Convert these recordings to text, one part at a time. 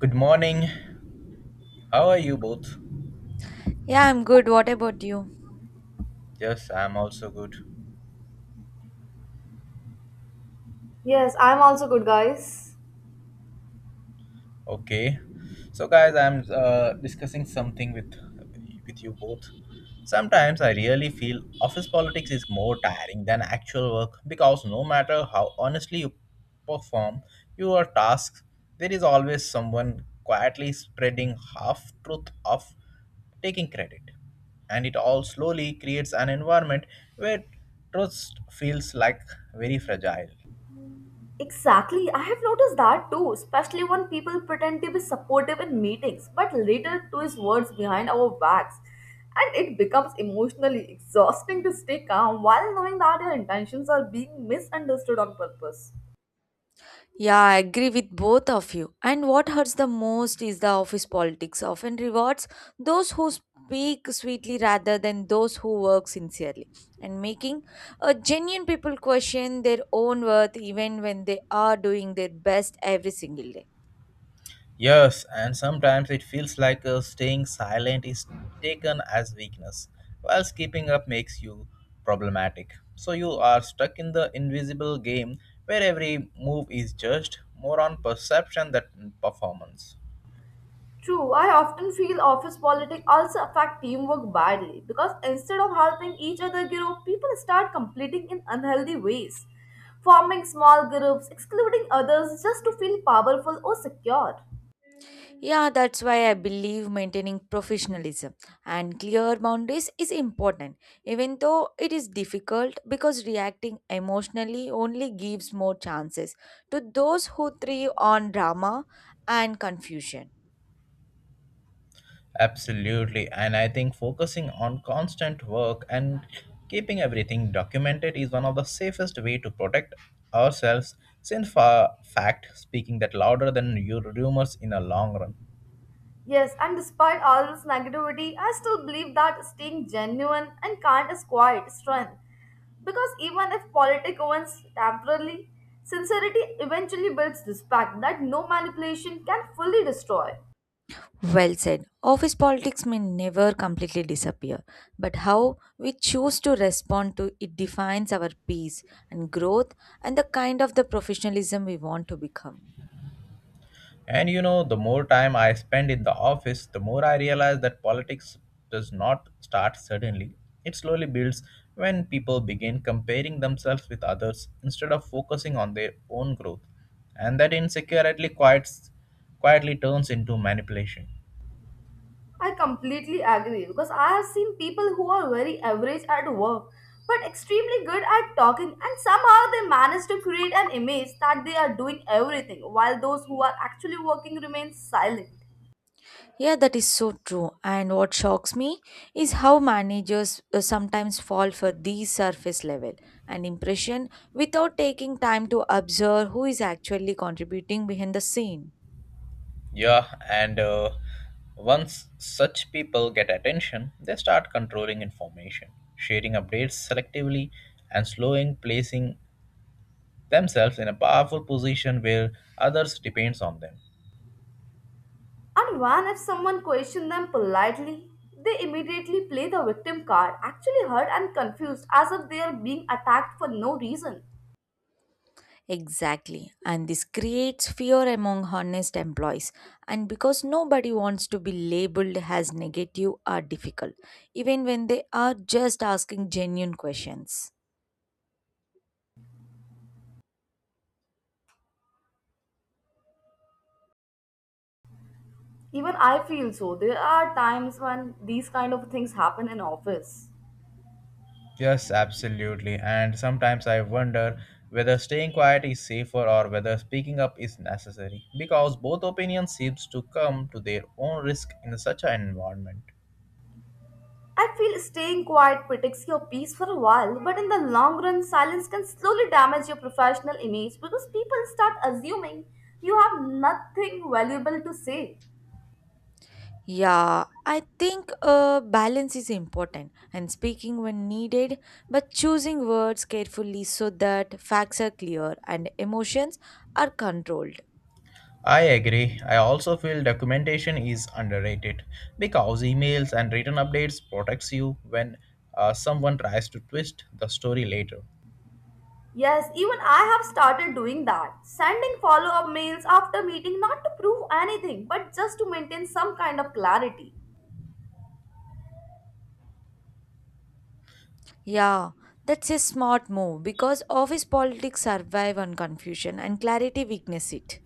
Good morning. How are you both? Yeah, I'm good. What about you? Yes, I'm also good. Yes, I'm also good, guys. Okay. So guys, I'm discussing something with you both. Sometimes I really feel office politics is more tiring than actual work because no matter how honestly you perform your tasks, there is always someone quietly spreading half truth of taking credit. And it all slowly creates an environment where trust feels like very fragile. Exactly, I have noticed that too, especially when people pretend to be supportive in meetings but later twist words behind our backs. And it becomes emotionally exhausting to stay calm while knowing that your intentions are being misunderstood on purpose. Yeah, I agree with both of you. And what hurts the most is the office politics often rewards those who speak sweetly rather than those who work sincerely and making a genuine people question their own worth even when they are doing their best every single day. Yes, and sometimes it feels like staying silent is taken as weakness, while keeping up makes you problematic. So you are stuck in the invisible game where every move is judged more on perception than performance. True, I often feel office politics also affect teamwork badly because instead of helping each other grow, people start competing in unhealthy ways, forming small groups, excluding others just to feel powerful or secure. Yeah, that's why I believe maintaining professionalism and clear boundaries is important, even though it is difficult because reacting emotionally only gives more chances to those who thrive on drama and confusion. Absolutely, and I think focusing on constant work and keeping everything documented is one of the safest way to protect ourselves since for fact speaking that louder than your rumors in a long run. Yes, and despite all this negativity, I still believe that staying genuine and kind is quite strength. Because even if politics wins temporarily, sincerity eventually builds respect that no manipulation can fully destroy. Well said. Office politics may never completely disappear, but how we choose to respond to it defines our peace and growth and the kind of the professionalism we want to become. And you know, the more time I spend in the office, the more I realize that politics does not start suddenly. It slowly builds when people begin comparing themselves with others instead of focusing on their own growth. And that insecurity quietly turns into manipulation. I completely agree because I have seen people who are very average at work but extremely good at talking and somehow they manage to create an image that they are doing everything while those who are actually working remain silent. Yeah, that is so true. And what shocks me is how managers sometimes fall for these surface level and impression without taking time to observe who is actually contributing behind the scene. Yeah, and once such people get attention, they start controlling information, sharing updates selectively, and slowing placing themselves in a powerful position where others depends on them. And when if someone questions them politely, they immediately play the victim card, actually hurt and confused as if they are being attacked for no reason. Exactly. And this creates fear among honest employees. And because nobody wants to be labeled as negative or difficult, even when they are just asking genuine questions. Even I feel so. There are times when these kind of things happen in office. Yes, absolutely. And sometimes I wonder whether staying quiet is safer or whether speaking up is necessary because both opinions seems to come to their own risk in such an environment. I feel staying quiet protects your peace for a while, but in the long run, silence can slowly damage your professional image because people start assuming you have nothing valuable to say. Yeah, I think balance is important and speaking when needed, but choosing words carefully so that facts are clear and emotions are controlled. I agree. I also feel documentation is underrated because emails and written updates protects you when someone tries to twist the story later. Yes, even I have started doing that, sending follow up mails after meeting not to prove anything but just to maintain some kind of clarity. Yeah, that's a smart move because office politics survive on confusion and clarity weakness it.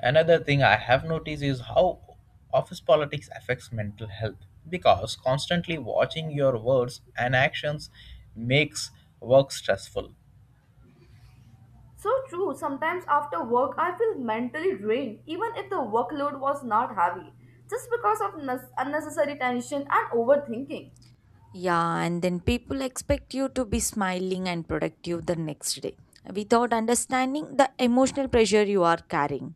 Another thing I have noticed is how office politics affects mental health because constantly watching your words and actions makes work stressful. So true, sometimes after work I feel mentally drained even if the workload was not heavy, just because of unnecessary tension and overthinking. Yeah, and then people expect you to be smiling and productive the next day without understanding the emotional pressure you are carrying.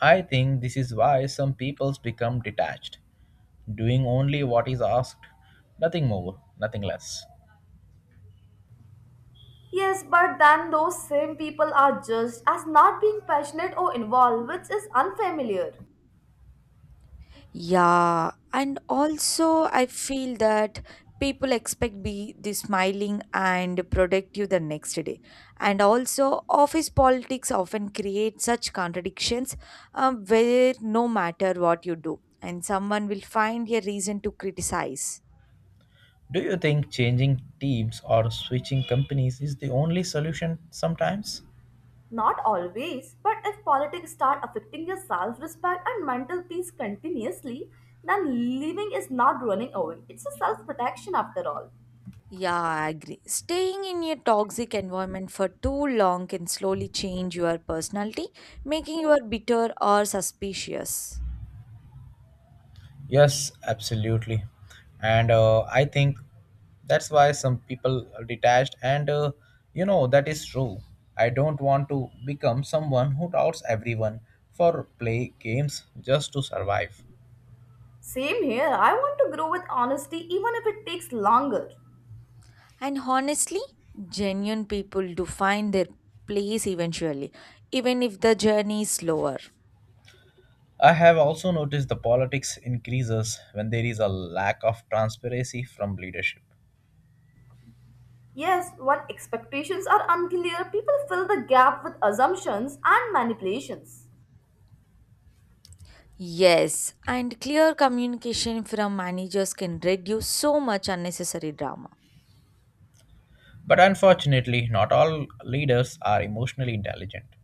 I think this is why some peoples become detached, doing only what is asked, nothing more, nothing less. Yes, but then those same people are judged as not being passionate or involved, which is unfamiliar. Yeah, and also I feel that people expect be the smiling and productive the next day. And also office politics often create such contradictions where no matter what you do, and someone will find a reason to criticize. Do you think changing teams or switching companies is the only solution sometimes? Not always, but if politics start affecting your self respect and mental peace continuously, then leaving is not running away. It's a self protection after all. Yeah, I agree. Staying in a toxic environment for too long can slowly change your personality, making you bitter or suspicious. Yes, absolutely. And I think that's why some people are detached. And you know, that is true. I don't want to become someone who doubts everyone for play games just to survive. Same here, I want to grow with honesty even if it takes longer. And honestly, genuine people do find their place eventually, even if the journey is slower. I have also noticed the politics increases when there is a lack of transparency from leadership. Yes, when expectations are unclear, people fill the gap with assumptions and manipulations. Yes, and clear communication from managers can reduce so much unnecessary drama. But unfortunately, not all leaders are emotionally intelligent.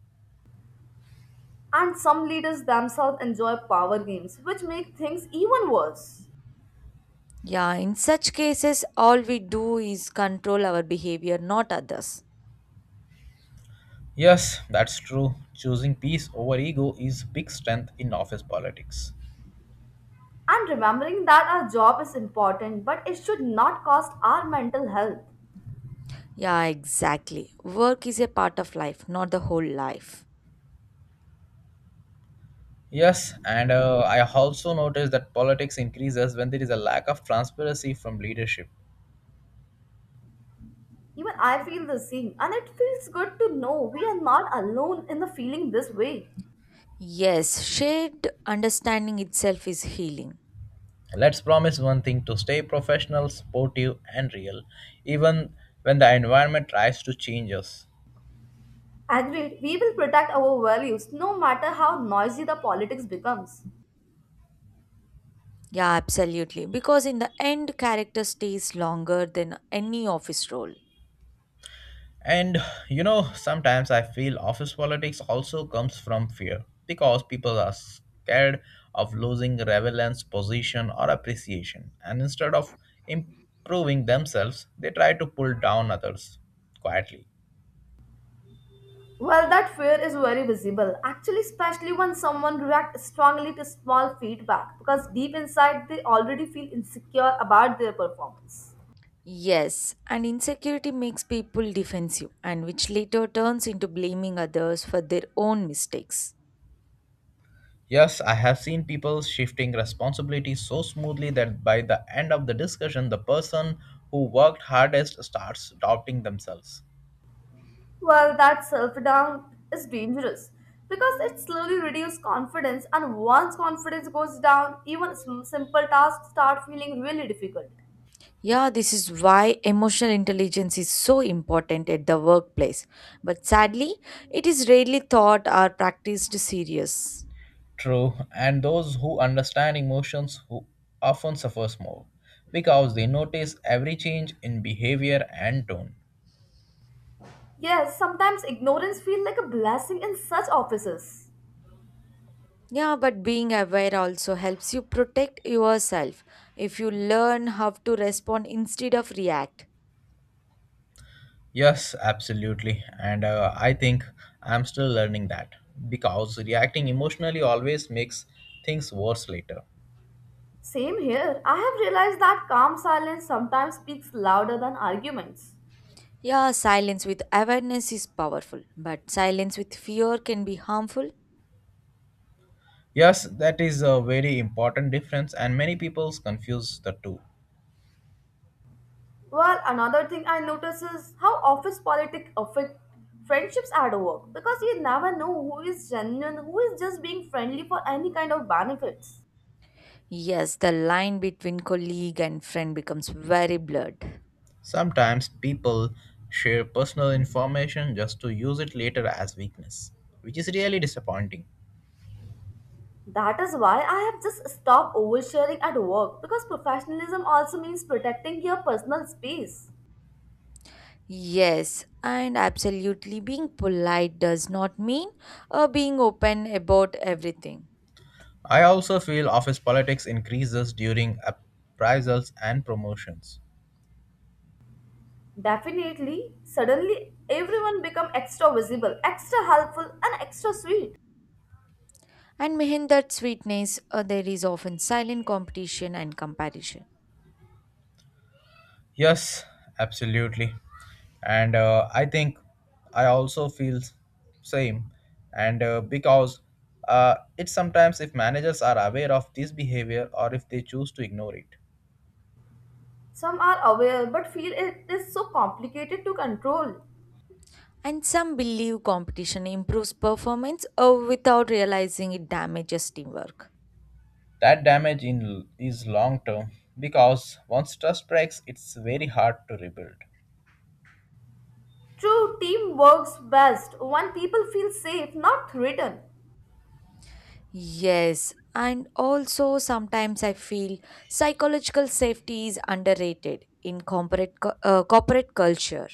And some leaders themselves enjoy power games, which make things even worse. Yeah, in such cases, all we do is control our behavior, not others. Yes, that's true. Choosing peace over ego is big strength in office politics. And remembering that our job is important, but it should not cost our mental health. Yeah, exactly. Work is a part of life, not the whole life. Yes, and I also noticed that politics increases when there is a lack of transparency from leadership. Even I feel the same, and it feels good to know we are not alone in the feeling this way. Yes, shared understanding itself is healing. Let's promise one thing to stay professional, sportive, and real, even when the environment tries to change us. Agreed, we will protect our values no matter how noisy the politics becomes. Yeah, absolutely. Because in the end, character stays longer than any office role. And you know, sometimes I feel office politics also comes from fear because people are scared of losing relevance, position, or appreciation. And instead of improving themselves, they try to pull down others quietly. Well, that fear is very visible, actually, especially when someone reacts strongly to small feedback because deep inside they already feel insecure about their performance. Yes, and insecurity makes people defensive, and which later turns into blaming others for their own mistakes. Yes, I have seen people shifting responsibility so smoothly that by the end of the discussion, the person who worked hardest starts doubting themselves. Well, that self doubt is dangerous because it slowly reduces confidence, and once confidence goes down, even simple tasks start feeling really difficult. Yeah, this is why emotional intelligence is so important at the workplace. But sadly, it is rarely taught or practiced serious. True, and those who understand emotions who often suffers more because they notice every change in behavior and tone. Yes, sometimes ignorance feels like a blessing in such offices. Yeah, but being aware also helps you protect yourself if you learn how to respond instead of react. Yes, absolutely, and I think I'm still learning that because reacting emotionally always makes things worse later. Same here, I have realized that calm silence sometimes speaks louder than arguments. Yeah, silence with awareness is powerful, but silence with fear can be harmful. Yes, that is a very important difference, and many people confuse the two. Well, another thing I notice is how office politics affect friendships at work because you never know who is genuine, who is just being friendly for any kind of benefits. Yes, the line between colleague and friend becomes very blurred. Sometimes people share personal information just to use it later as weakness, which is really disappointing. That is why I have just stopped oversharing at work because professionalism also means protecting your personal space. Yes, and absolutely, being polite does not mean being open about everything. I also feel office politics increases during appraisals and promotions. Definitely, suddenly everyone become extra visible, extra helpful and extra sweet. And behind that sweetness, there is often silent competition and comparison. Yes, absolutely. And I think I also feel same. And because it's sometimes if managers are aware of this behavior or if they choose to ignore it. Some are aware but feel it is so complicated to control. And some believe competition improves performance without realizing it damages teamwork. That damage in is long term because once trust breaks, it's very hard to rebuild. True team works best when people feel safe, not threatened. Yes, and also sometimes I feel psychological safety is underrated in corporate corporate culture.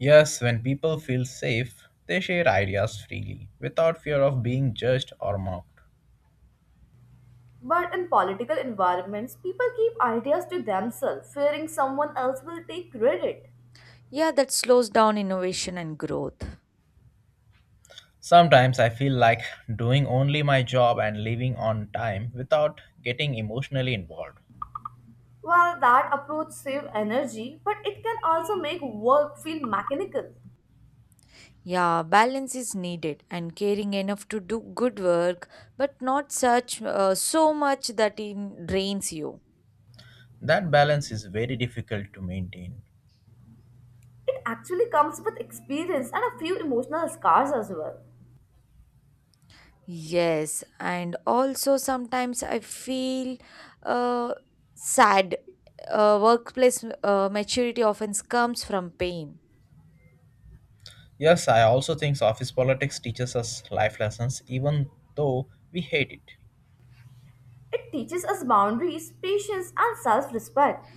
Yes, when people feel safe, they share ideas freely without fear of being judged or mocked. But in political environments, people keep ideas to themselves, fearing someone else will take credit. Yeah, that slows down innovation and growth. Sometimes I feel like doing only my job and leaving on time without getting emotionally involved. Well, that approach saves energy, but it can also make work feel mechanical. Yeah, balance is needed and caring enough to do good work, but not such so much that it drains you. That balance is very difficult to maintain. It actually comes with experience and a few emotional scars as well. Yes, and also sometimes I feel uh, sad. Workplace maturity often comes from pain. Yes, I also think office politics teaches us life lessons even though we hate it. It teaches us boundaries, patience, and self respect.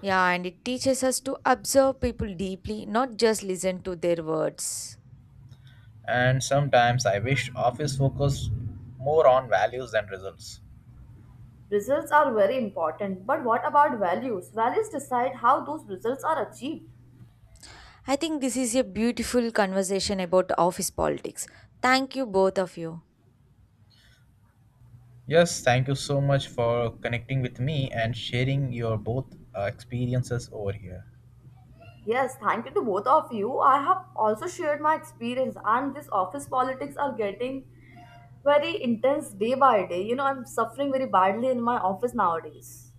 Yeah, and it teaches us to observe people deeply, not just listen to their words. And sometimes I wish office focused more on values than results. Results are very important, but what about values? Values decide how those results are achieved. I think this is a beautiful conversation about office politics. Thank you, both of you. Yes, thank you so much for connecting with me and sharing your both experiences over here. Yes, thank you to both of you. I have also shared my experience, and this office politics are getting very intense day by day. You know, I'm suffering very badly in my office nowadays.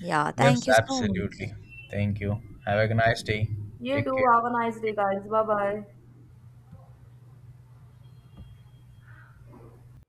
Yeah, Yes, thank you so absolutely. much. Thank you. Have a nice day. You Take too. care. Have a Thank nice day, you. guys. Bye bye.